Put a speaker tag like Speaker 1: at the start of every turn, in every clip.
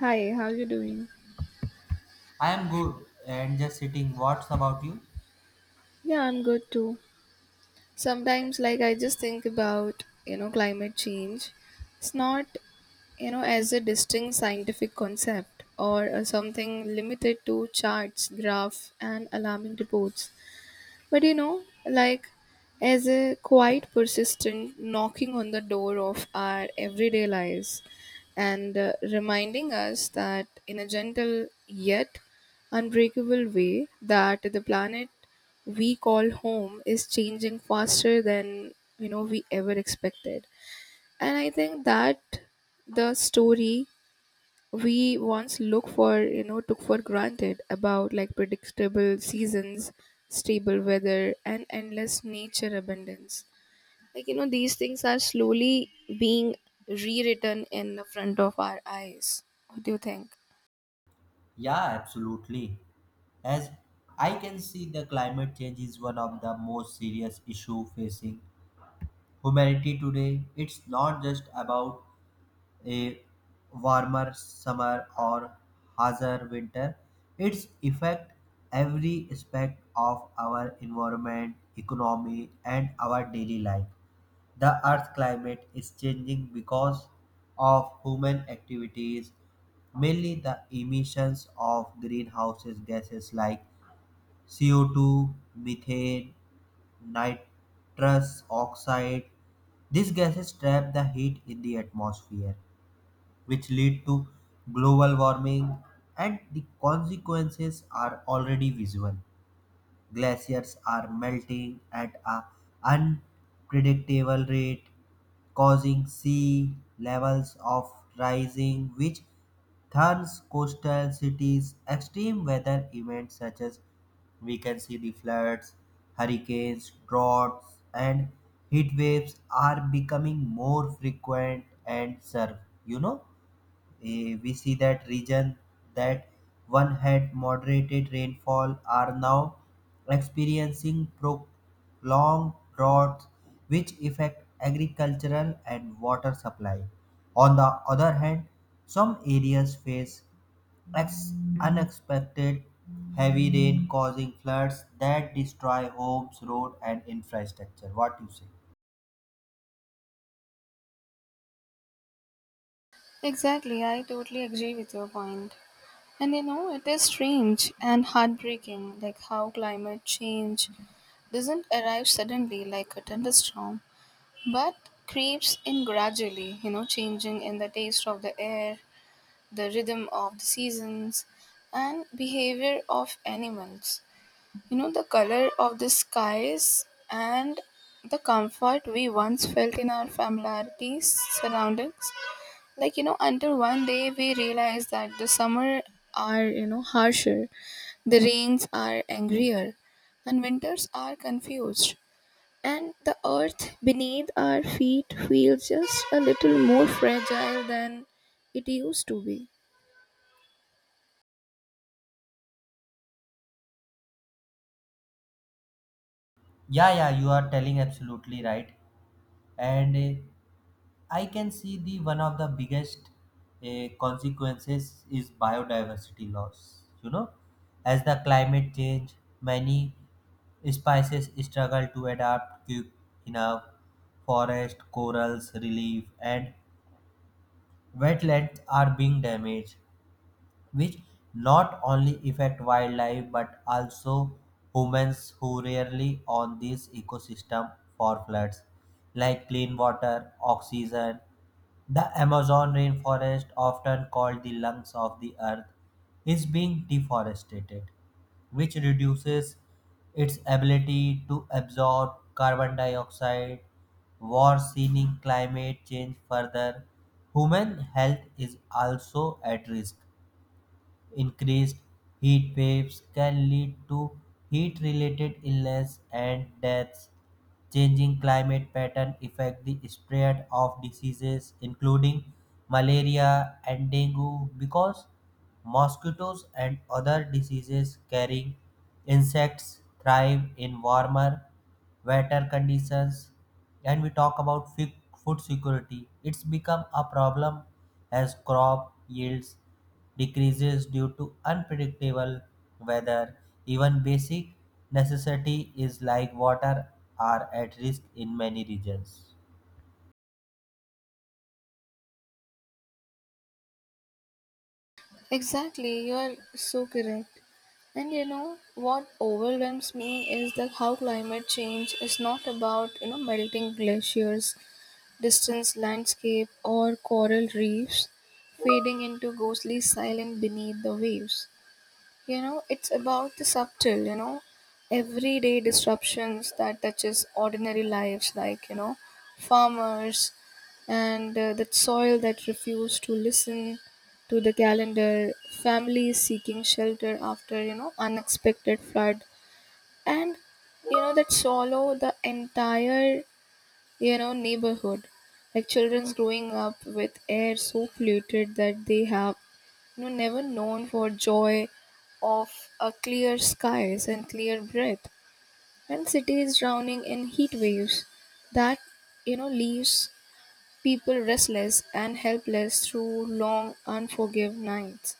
Speaker 1: Hi, how you doing?
Speaker 2: I am good and just sitting. What's about you?
Speaker 1: Yeah, I'm good too. Sometimes I just think about, climate change. It's not, as a distinct scientific concept or something limited to charts, graph and alarming reports. But as a quite persistent knocking on the door of our everyday lives and reminding us that in a gentle yet unbreakable way that the planet we call home is changing faster than we ever expected. And I think that the story we once look for you know took for granted about predictable seasons, stable weather and endless nature abundance, these things are slowly being rewritten in the front of our eyes. What do you think?
Speaker 2: Yeah, absolutely. As I can see, the climate change is one of the most serious issue facing humanity today. It's not just about a warmer summer or harsher winter, its affect every aspect of our environment, economy, and our daily life. The Earth's climate is changing because of human activities, mainly the emissions of greenhouse gases like CO2, methane, nitrous oxide. These gases trap the heat in the atmosphere which lead to global warming, and the consequences are already visible. Glaciers are melting at an unpredictable rate causing sea levels of rising which thorns coastal cities. Extreme weather events such as, we can see, the floods, hurricanes, droughts, and heat waves are becoming more frequent and serve, you know we see that region that one had moderated rainfall are now experiencing prolonged droughts which affect agricultural and water supply. On the other hand, some areas face ex- unexpected heavy rain causing floods that destroy homes, road and infrastructure. What you say?
Speaker 1: Exactly, I totally agree with your point. And you know, it is strange and heartbreaking how climate change doesn't arrive suddenly like a thunderstorm, but creeps in gradually, you know, changing in the taste of the air, the rhythm of the seasons, and behavior of animals. You know, the color of the skies and the comfort we once felt in our familiarities surroundings. Until one day we realized that the summer are, harsher, the rains are angrier, and winters are confused. And the earth beneath our feet feels just a little more fragile than it used to be.
Speaker 2: Yeah, yeah, you are telling absolutely right. And I can see the one of the biggest consequences is biodiversity loss. You know, as the climate change, many species struggle to adapt quick enough. Forest, corals, relief, and wetlands are being damaged, which not only affect wildlife but also humans who rarely on this ecosystem for floods like clean water, oxygen. The Amazon rainforest, often called the lungs of the earth, is being deforested, which reduces its ability to absorb carbon dioxide, worsening climate change further. Human health is also at risk. Increased heat waves can lead to heat related illness and deaths. Changing climate pattern affect the spread of diseases including malaria and dengue because mosquitoes and other diseases carrying insects thrive in warmer wetter conditions. And we talk about food security, it's become a problem as crop yields decreases due to unpredictable weather. Even basic necessity is like water are at risk in many regions.
Speaker 1: Exactly, you are so correct. And you know what overwhelms me is that how climate change is not about melting glaciers, distant landscape, or coral reefs fading into ghostly silence beneath the waves. You know, it's about the subtle, everyday disruptions that touches ordinary lives farmers and that soil that refuse to listen to the calendar, families seeking shelter after, unexpected flood and that swallow the entire neighborhood, children's growing up with air so polluted that they have never known for joy of a clear skies and clear breath, and cities drowning in heat waves that leaves people restless and helpless through long unforgiving nights.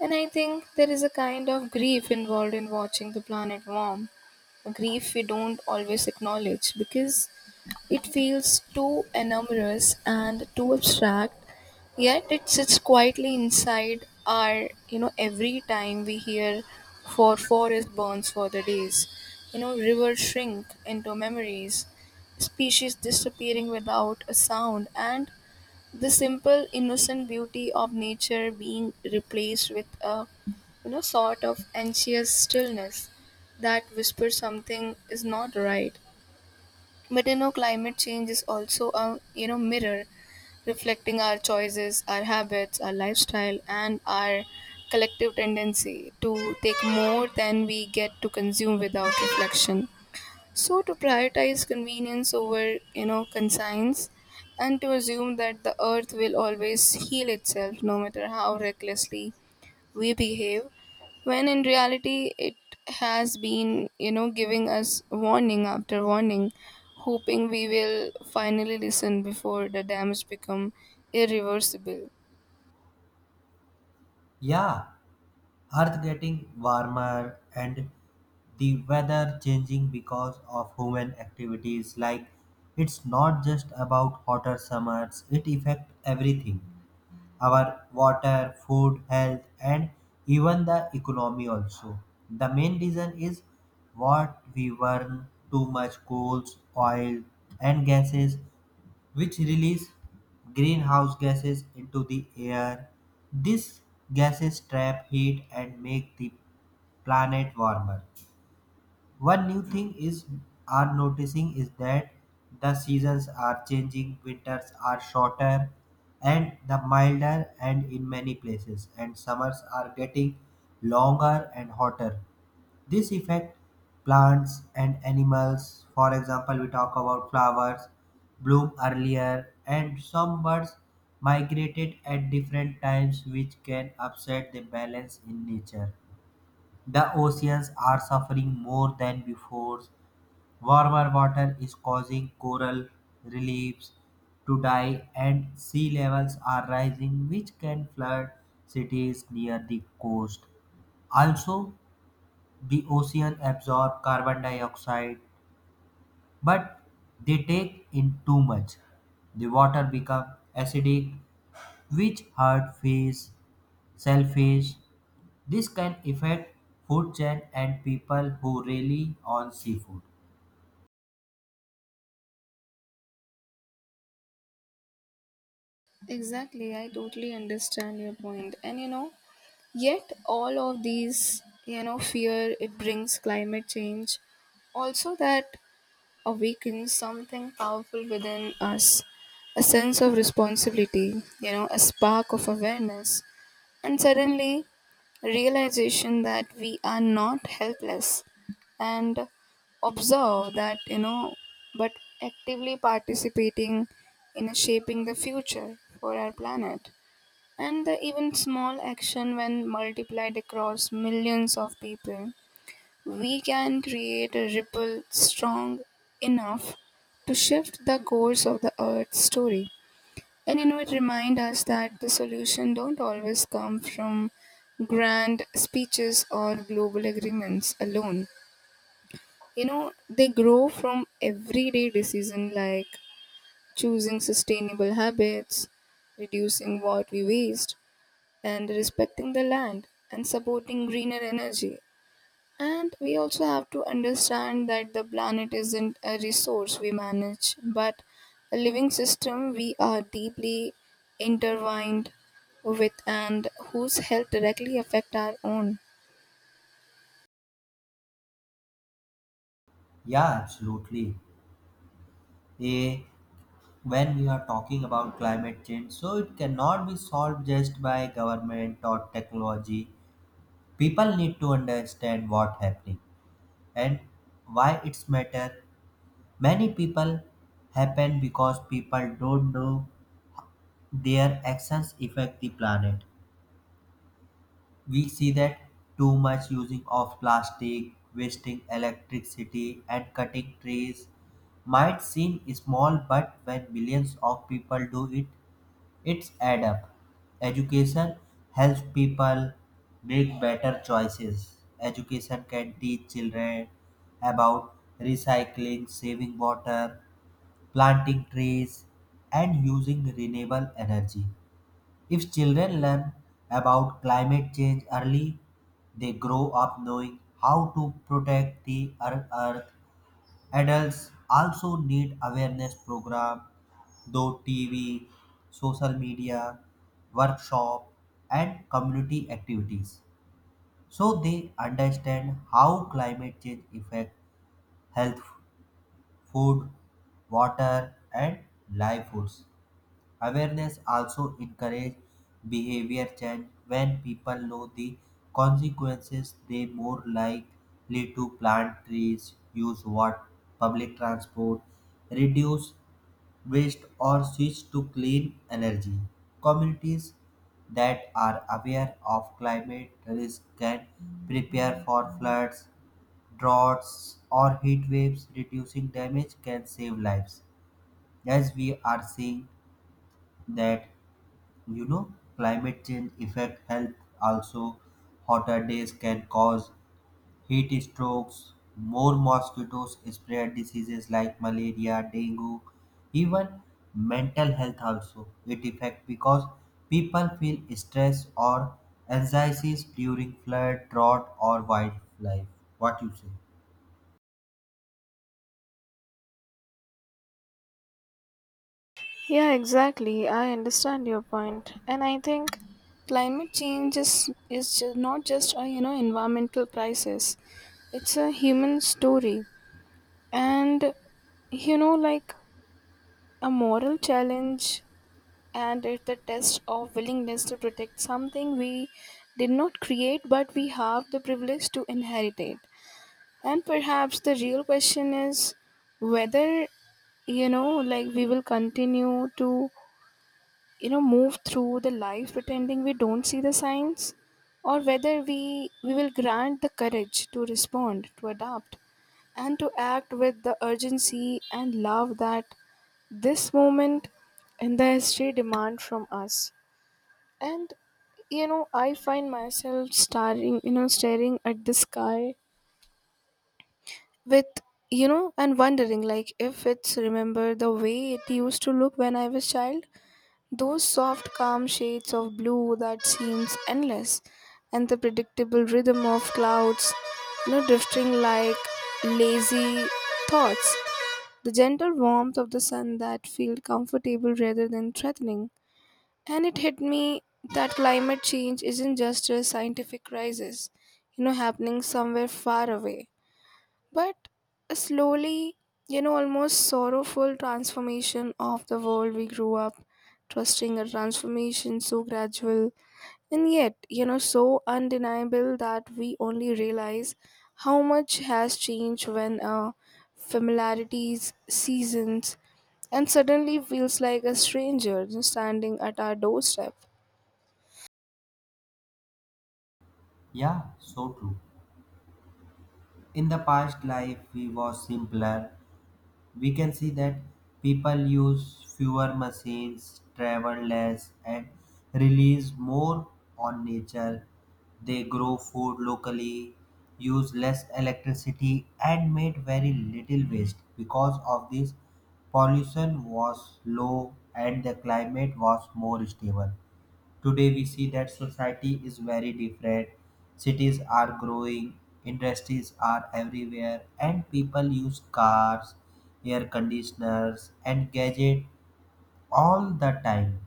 Speaker 1: And I think there is a kind of grief involved in watching the planet warm, a grief we don't always acknowledge because it feels too enormous and too abstract, yet it sits quietly inside our, every time we hear for forest burns for the days, rivers shrink into memories, species disappearing without a sound, and the simple innocent beauty of nature being replaced with a sort of anxious stillness that whispers something is not right. But you know, climate change is also a mirror reflecting our choices, our habits, our lifestyle, and our collective tendency to take more than we get to consume without reflection. So to prioritize convenience over conscience and to assume that the earth will always heal itself no matter how recklessly we behave, when in reality it has been giving us warning after warning, hoping we will finally listen before the damage become irreversible.
Speaker 2: Yeah, Earth getting warmer and the weather changing because of human activities, like it's not just about hotter summers, it affects everything: our water, food, health, and even the economy also. The main reason is what we burn too much coals, oil, and gases, which release greenhouse gases into the air. These gases trap heat and make the planet warmer. One new thing is are noticing is that the seasons are changing, winters are shorter and the milder and in many places and summers are getting longer and hotter. This affect plants and animals. For example, we talk about flowers bloom earlier and some birds migrated at different times, which can upset the balance in nature. The oceans are suffering more than before. Warmer water is causing coral reefs to die and sea levels are rising which can flood cities near the coast. Also, the ocean absorb carbon dioxide but they take in too much. The water become acidic which hurt fish, shellfish. This can affect food chain and people who rely on seafood.
Speaker 1: Exactly, I totally understand your point. And you know, yet all of these fear it brings, climate change also that awakens something powerful within us, a sense of responsibility, you know, a spark of awareness, and suddenly realization that we are not helpless and observe that, you know, but actively participating in shaping the future for our planet. And the even small action, when multiplied across millions of people, we can create a ripple strong enough to shift the course of the Earth's story. And you know, it reminds us that the solution don't always come from grand speeches or global agreements alone. You know, they grow from everyday decisions choosing sustainable habits, reducing what we waste, and respecting the land and supporting greener energy. And we also have to understand that the planet isn't a resource we manage, but a living system we are deeply intertwined with, and whose health directly affect our own.
Speaker 2: Yeah, absolutely. A when we are talking about climate change, so it cannot be solved just by government or technology. People need to understand what happening and why it's matter. Many people happen because people don't know their actions affect the planet. We see that too much using of plastic, wasting electricity, and cutting trees might seem small, but when millions of people do it, it's add up. Education helps people make better choices. Education can teach children about recycling, saving water, planting trees, and using renewable energy. If children learn about climate change early, they grow up knowing how to protect the earth. Adults also need awareness program, though TV, social media, workshop, and community activities, so they understand how climate change affect health, food, water, and livelihoods. Awareness also encourages behavior change. When people know the consequences, they more likely to plant trees, use water, public transport, reduce waste, or switch to clean energy. Communities that are aware of climate risk can prepare for floods, droughts, or heat waves. Reducing damage can save lives. As we are seeing that, you know, climate change affect health also. Hotter days can cause heat strokes, more mosquitoes spread diseases like malaria, dengue, even mental health also. It affect because people feel stress or anxieties during flood, drought or wildlife. What you say?
Speaker 1: Yeah, exactly. I understand your point. And I think climate change is not just a environmental crisis. It's a human story, and you know like a moral challenge, and it's the test of willingness to protect something we did not create but we have the privilege to inherit it. And perhaps the real question is whether we will continue to move through the life pretending we don't see the signs, or whether we will grant the courage to respond, to adapt, and to act with the urgency and love that this moment in the history demand from us. And I find myself staring you know staring at the sky with and wondering if it's remember the way it used to look when I was child, those soft calm shades of blue that seems endless, and the predictable rhythm of clouds drifting like lazy thoughts, the gentle warmth of the sun that felt comfortable rather than threatening. And it hit me that climate change isn't just a scientific crisis, you know, happening somewhere far away, but a slowly, almost sorrowful transformation of the world we grew up trusting, a transformation so gradual and yet, so undeniable that we only realize how much has changed when familiarities, seasons, and suddenly feels like a stranger standing at our doorstep.
Speaker 2: Yeah, so true. In the past life, we was simpler. We can see that people use fewer machines, travel less, and release more on nature. They grow food locally, use less electricity, and made very little waste. Because of this, pollution was low and the climate was more stable. Today we see that society is very different. Cities are growing, industries are everywhere, and people use cars, air conditioners, and gadgets all the time.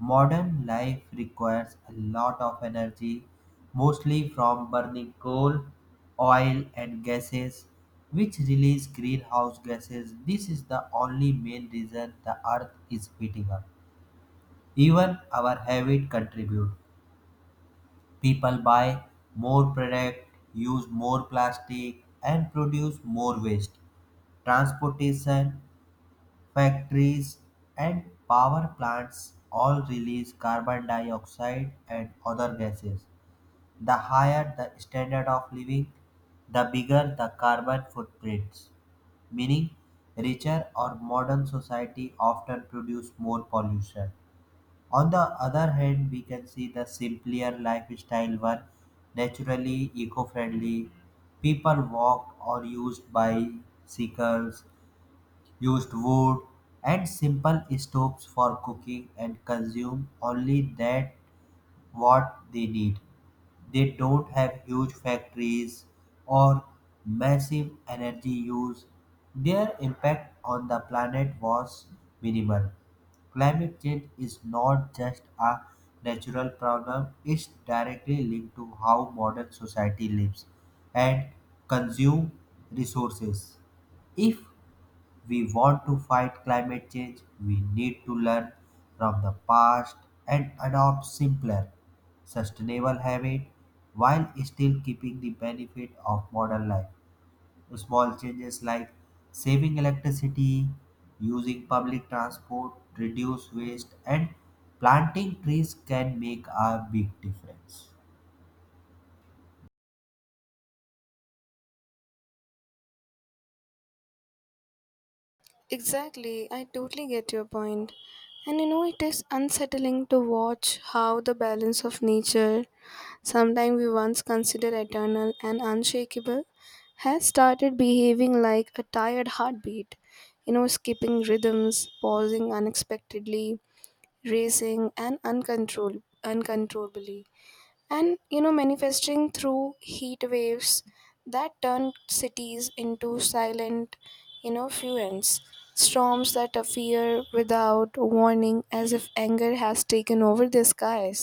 Speaker 2: Modern life requires a lot of energy, mostly from burning coal, oil, and gases, which release greenhouse gases. This is the only main reason the earth is heating up. Even our habit contribute. People buy more product, use more plastic, and produce more waste. Transportation, factories, and power plants all release carbon dioxide and other gases. The higher the standard of living, the bigger the carbon footprints, meaning richer or modern society often produce more pollution. On the other hand, we can see the simpler lifestyle were naturally eco-friendly. People walked or used bicycles, used wood and simple stoves for cooking and consumed only that what they need. They don't have huge factories or massive energy use. Their impact on the planet was minimal. Climate change is not just a natural problem, it's directly linked to how modern society lives and consume resources. If we want to fight climate change, we need to learn from the past and adopt simpler, sustainable habits while still keeping the benefit of modern life. Small changes like saving electricity, using public transport, reduce waste, and planting trees can make a big difference.
Speaker 1: Exactly, I totally get your point. And you know, it is unsettling to watch how the balance of nature, sometimes we once considered eternal and unshakable, has started behaving like a tired heartbeat. You know, skipping rhythms, pausing unexpectedly, racing, and uncontrollably, and manifesting through heat waves that turn cities into silent fluents, storms that appear without warning as if anger has taken over the skies,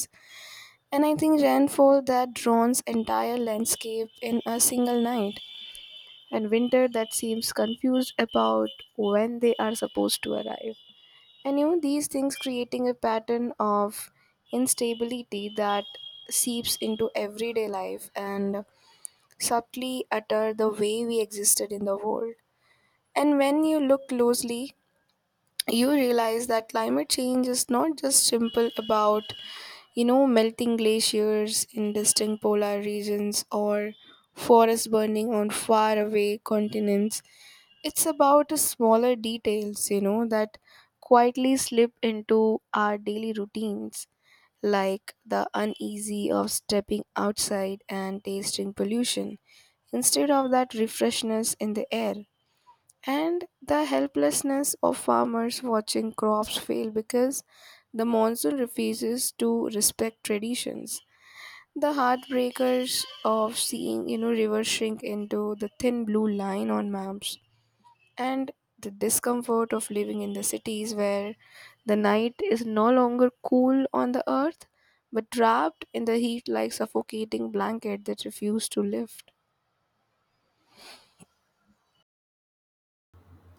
Speaker 1: and I think rainfall that drowns entire landscape in a single night, and winter that seems confused about when they are supposed to arrive. And you know, these things creating a pattern of instability that seeps into everyday life and subtly alter the way we existed in the world. And when you look closely, you realize that climate change is not just simple about, melting glaciers in distant polar regions or forests burning on faraway continents. It's about the smaller details, that quietly slip into our daily routines, like the uneasy of stepping outside and tasting pollution instead of that refreshness in the air, and the helplessness of farmers watching crops fail because the monsoon refuses to respect traditions. The heartbreakers of seeing, rivers shrink into the thin blue line on maps, and the discomfort of living in the cities where the night is no longer cool on the earth but wrapped in the heat like suffocating blanket that refuse to lift.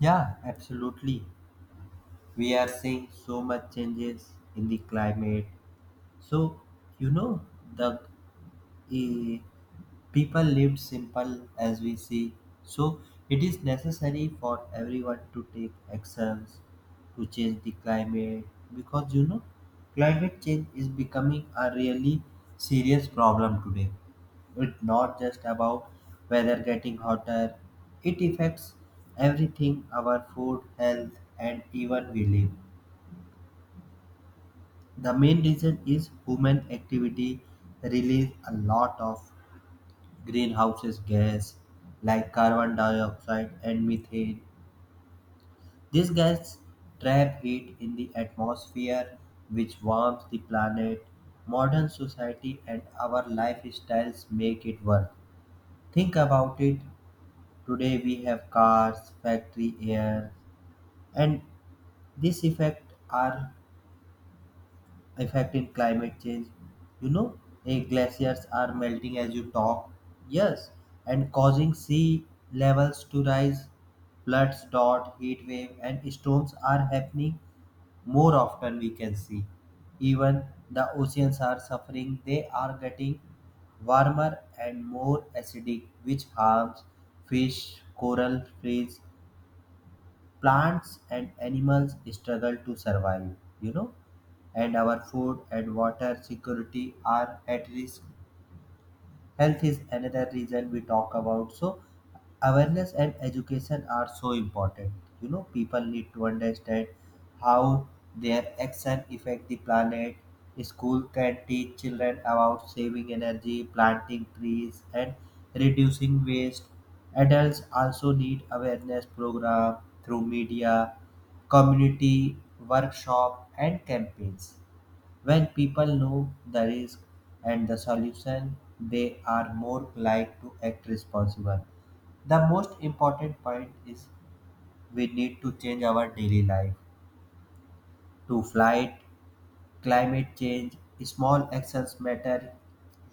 Speaker 2: Yeah, absolutely. We are seeing so much changes in the climate. So, you know, the eh, people lived simple as we see. So it is necessary for everyone to take actions to change the climate, because you know, climate change is becoming a really serious problem today. It's not just about weather getting hotter, it affects everything: our food, health, and even we live. The main reason is human activity release a lot of greenhouses gas like carbon dioxide and methane. These gases trap heat in the atmosphere, which warms the planet. Modern society and our lifestyles make it work. Think about it. Today we have cars, factory air, and this effect are effect in climate change. You know, glaciers are melting as you talk. Yes, and causing sea levels to rise. Floods, drought, heat wave, and storms are happening more often. We can see, even the oceans are suffering. They are getting warmer and more acidic, which harms fish, coral, reefs. Plants and animals struggle to survive, you know, and our food and water security are at risk. Health is another reason we talk about, so awareness and education are so important. You know, people need to understand how their action affect the planet. School can teach children about saving energy, planting trees, and reducing waste. Adults also need awareness program through media, community, workshop and campaigns. When people know the risk and the solution, they are more likely to act responsible. The most important point is we need to change our daily life to flight, climate change, small actions matter.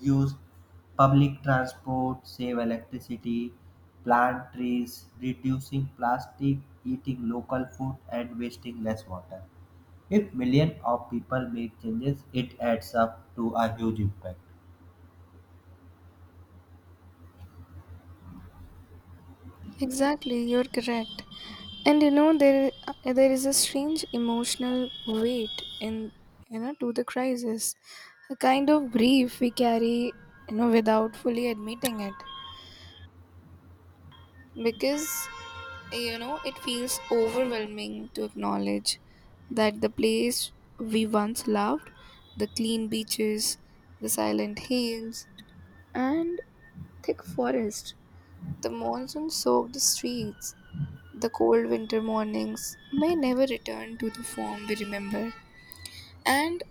Speaker 2: Use public transport, save electricity, plant trees, reducing plastic, eating local food, and wasting less water. If millions of people make changes, it adds up to a huge impact.
Speaker 1: Exactly, you're correct. And you know, there is a strange emotional weight in to the crisis, a kind of grief we carry without fully admitting it, because you know, it feels overwhelming to acknowledge that the place we once loved, the clean beaches, the silent hills, and thick forest, the monsoon soaked streets, the cold winter mornings may never return to the form we remember, and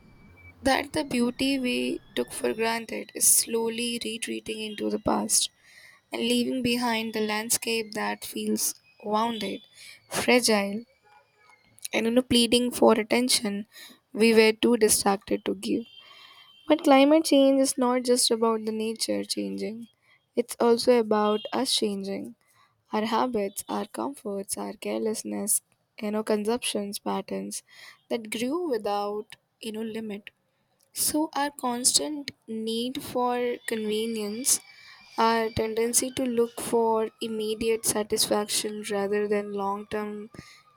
Speaker 1: that the beauty we took for granted is slowly retreating into the past and leaving behind the landscape that feels wounded, fragile, and pleading for attention we were too distracted to give. But climate change is not just about the nature changing, it's also about us changing, our habits, our comforts, our carelessness, consumptions patterns that grew without limit, so our constant need for convenience, our tendency to look for immediate satisfaction rather than long term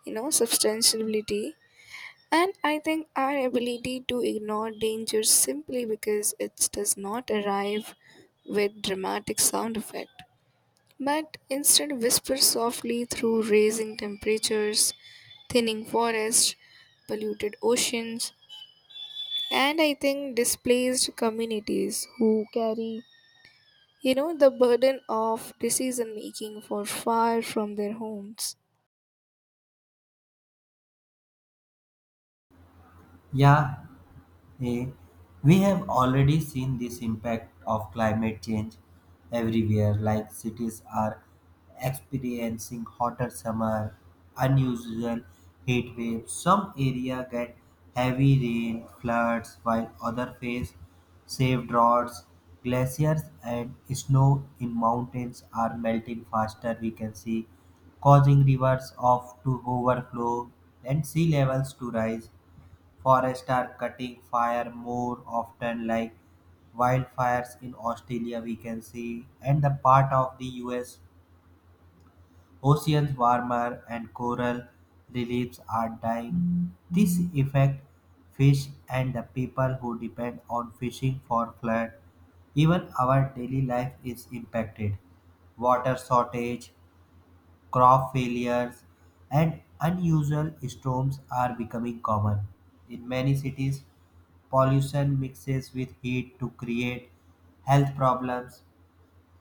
Speaker 1: substantiability. And I think our ability to ignore danger simply because it does not arrive with dramatic sound effect, but instead whispers softly through raising temperatures, thinning forests, polluted oceans, and I think displaced communities who carry, the burden of decision making for far from their homes.
Speaker 2: Yeah, eh, we have already seen this impact of climate change everywhere, like cities are experiencing hotter summer, unusual heat waves. Some area get heavy rain, floods, while other face severe droughts. Glaciers and snow in mountains are melting faster, we can see, causing rivers of to overflow and sea levels to rise. Forests are cutting fire more often like wildfires in Australia, we can see, and the part of the US. Oceans warmer and coral reliefs are dying. This affect fish and the people who depend on fishing for flood. Even our daily life is impacted. Water shortage, crop failures, and unusual storms are becoming common. In many cities, pollution mixes with heat to create health problems.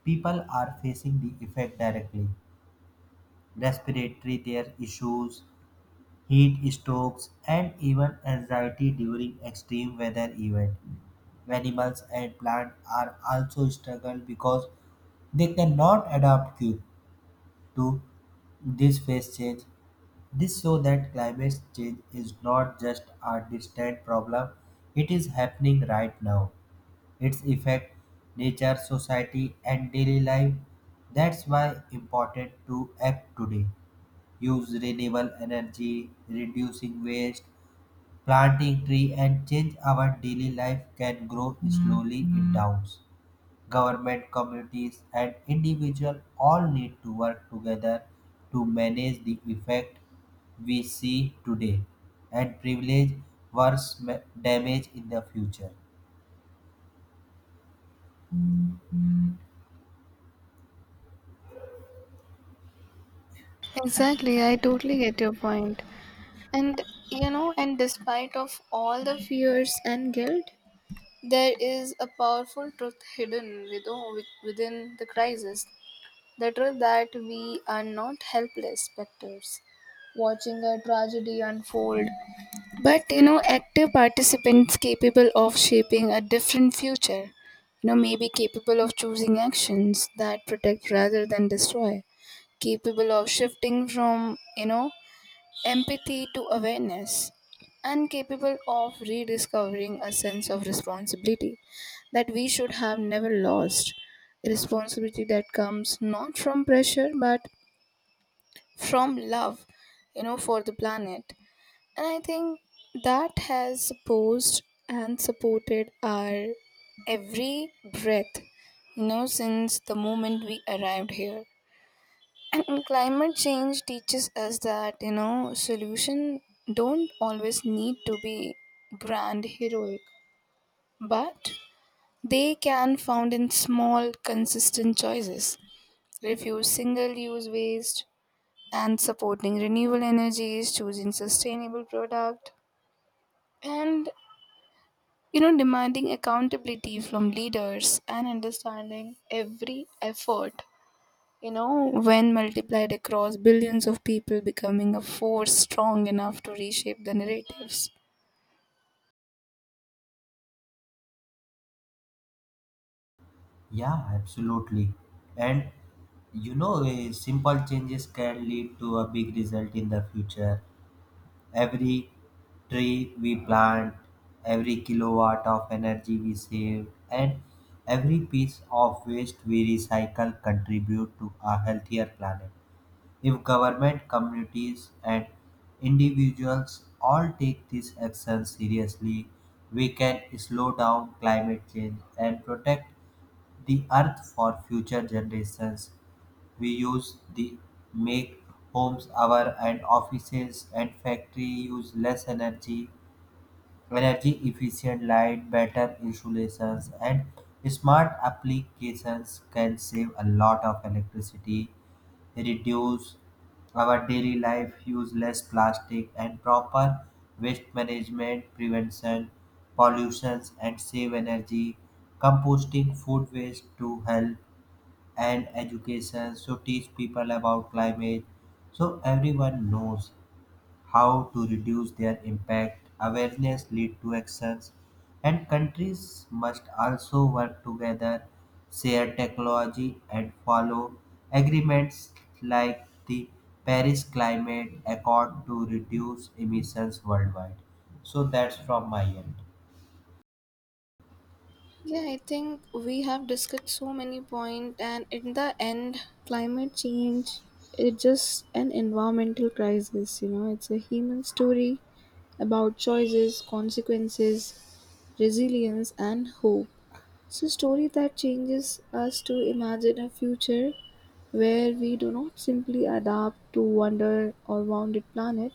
Speaker 2: People are facing the effect directly. Respiratory their issues, heat strokes, and even anxiety during extreme weather events. Animals and plants are also struggle because they cannot adapt quick to this phase change. This shows that climate change is not just a distant problem, it is happening right now. Its effect nature, society and daily life. That's why important to act today. Use renewable energy, reducing waste, planting tree and change our daily life can grow slowly in towns. Government, communities, and individuals all need to work together to manage the effect we see today and privilege worse damage in the future.
Speaker 1: Exactly, I totally get your point. And you know, and despite of all the fears and guilt, there is a powerful truth hidden within the crisis. The truth that we are not helpless spectators watching a tragedy unfold, but you know, active participants capable of shaping a different future. You know, maybe capable of choosing actions that protect rather than destroy, capable of shifting from empathy to awareness, and capable of rediscovering a sense of responsibility that we should have never lost. A responsibility that comes not from pressure but from love, for the planet. And I think that has supposed and supported our every breath, since the moment we arrived here. And climate change teaches us that, solution don't always need to be grand heroic, but they can found in small consistent choices. Refuse single use waste and supporting renewable energies, choosing sustainable product, and demanding accountability from leaders, and understanding every effort, you know, when multiplied across billions of people, becoming a force strong enough to reshape the narratives.
Speaker 2: Yeah, absolutely. And you know, simple changes can lead to a big result in the future. Every tree we plant, every kilowatt of energy we save, and every piece of waste we recycle contribute to a healthier planet. If government, communities, and individuals all take this action seriously, we can slow down climate change and protect the earth for future generations. We use the make homes our and offices and factory use less energy, energy efficient light, better insulations and smart applications can save a lot of electricity, reduce our daily life use less plastic and proper waste management prevention pollutions and save energy, composting food waste to help, and education so teach people about climate, so everyone knows how to reduce their impact. Awareness lead to actions, and countries must also work together, share technology and follow agreements like the Paris climate accord to reduce emissions worldwide. So that's from my end.
Speaker 1: Yeah, I think we have discussed so many points, and in the end, climate change is just an environmental crisis. You know, it's a human story about choices, consequences, resilience, and hope. It's a story that changes us to imagine a future where we do not simply adapt to wonder or wounded planet,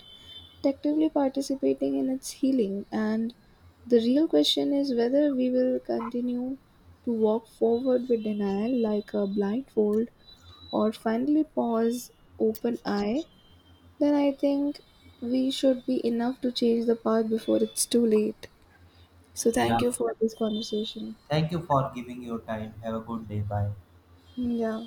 Speaker 1: actively participating in its healing. And the real question is whether we will continue to walk forward with denial like a blindfold or finally pause open eye. Then I think we should be enough to change the path before it's too late. So thank you for this conversation.
Speaker 2: Thank you for giving your time. Have a good day. Bye.
Speaker 1: Yeah.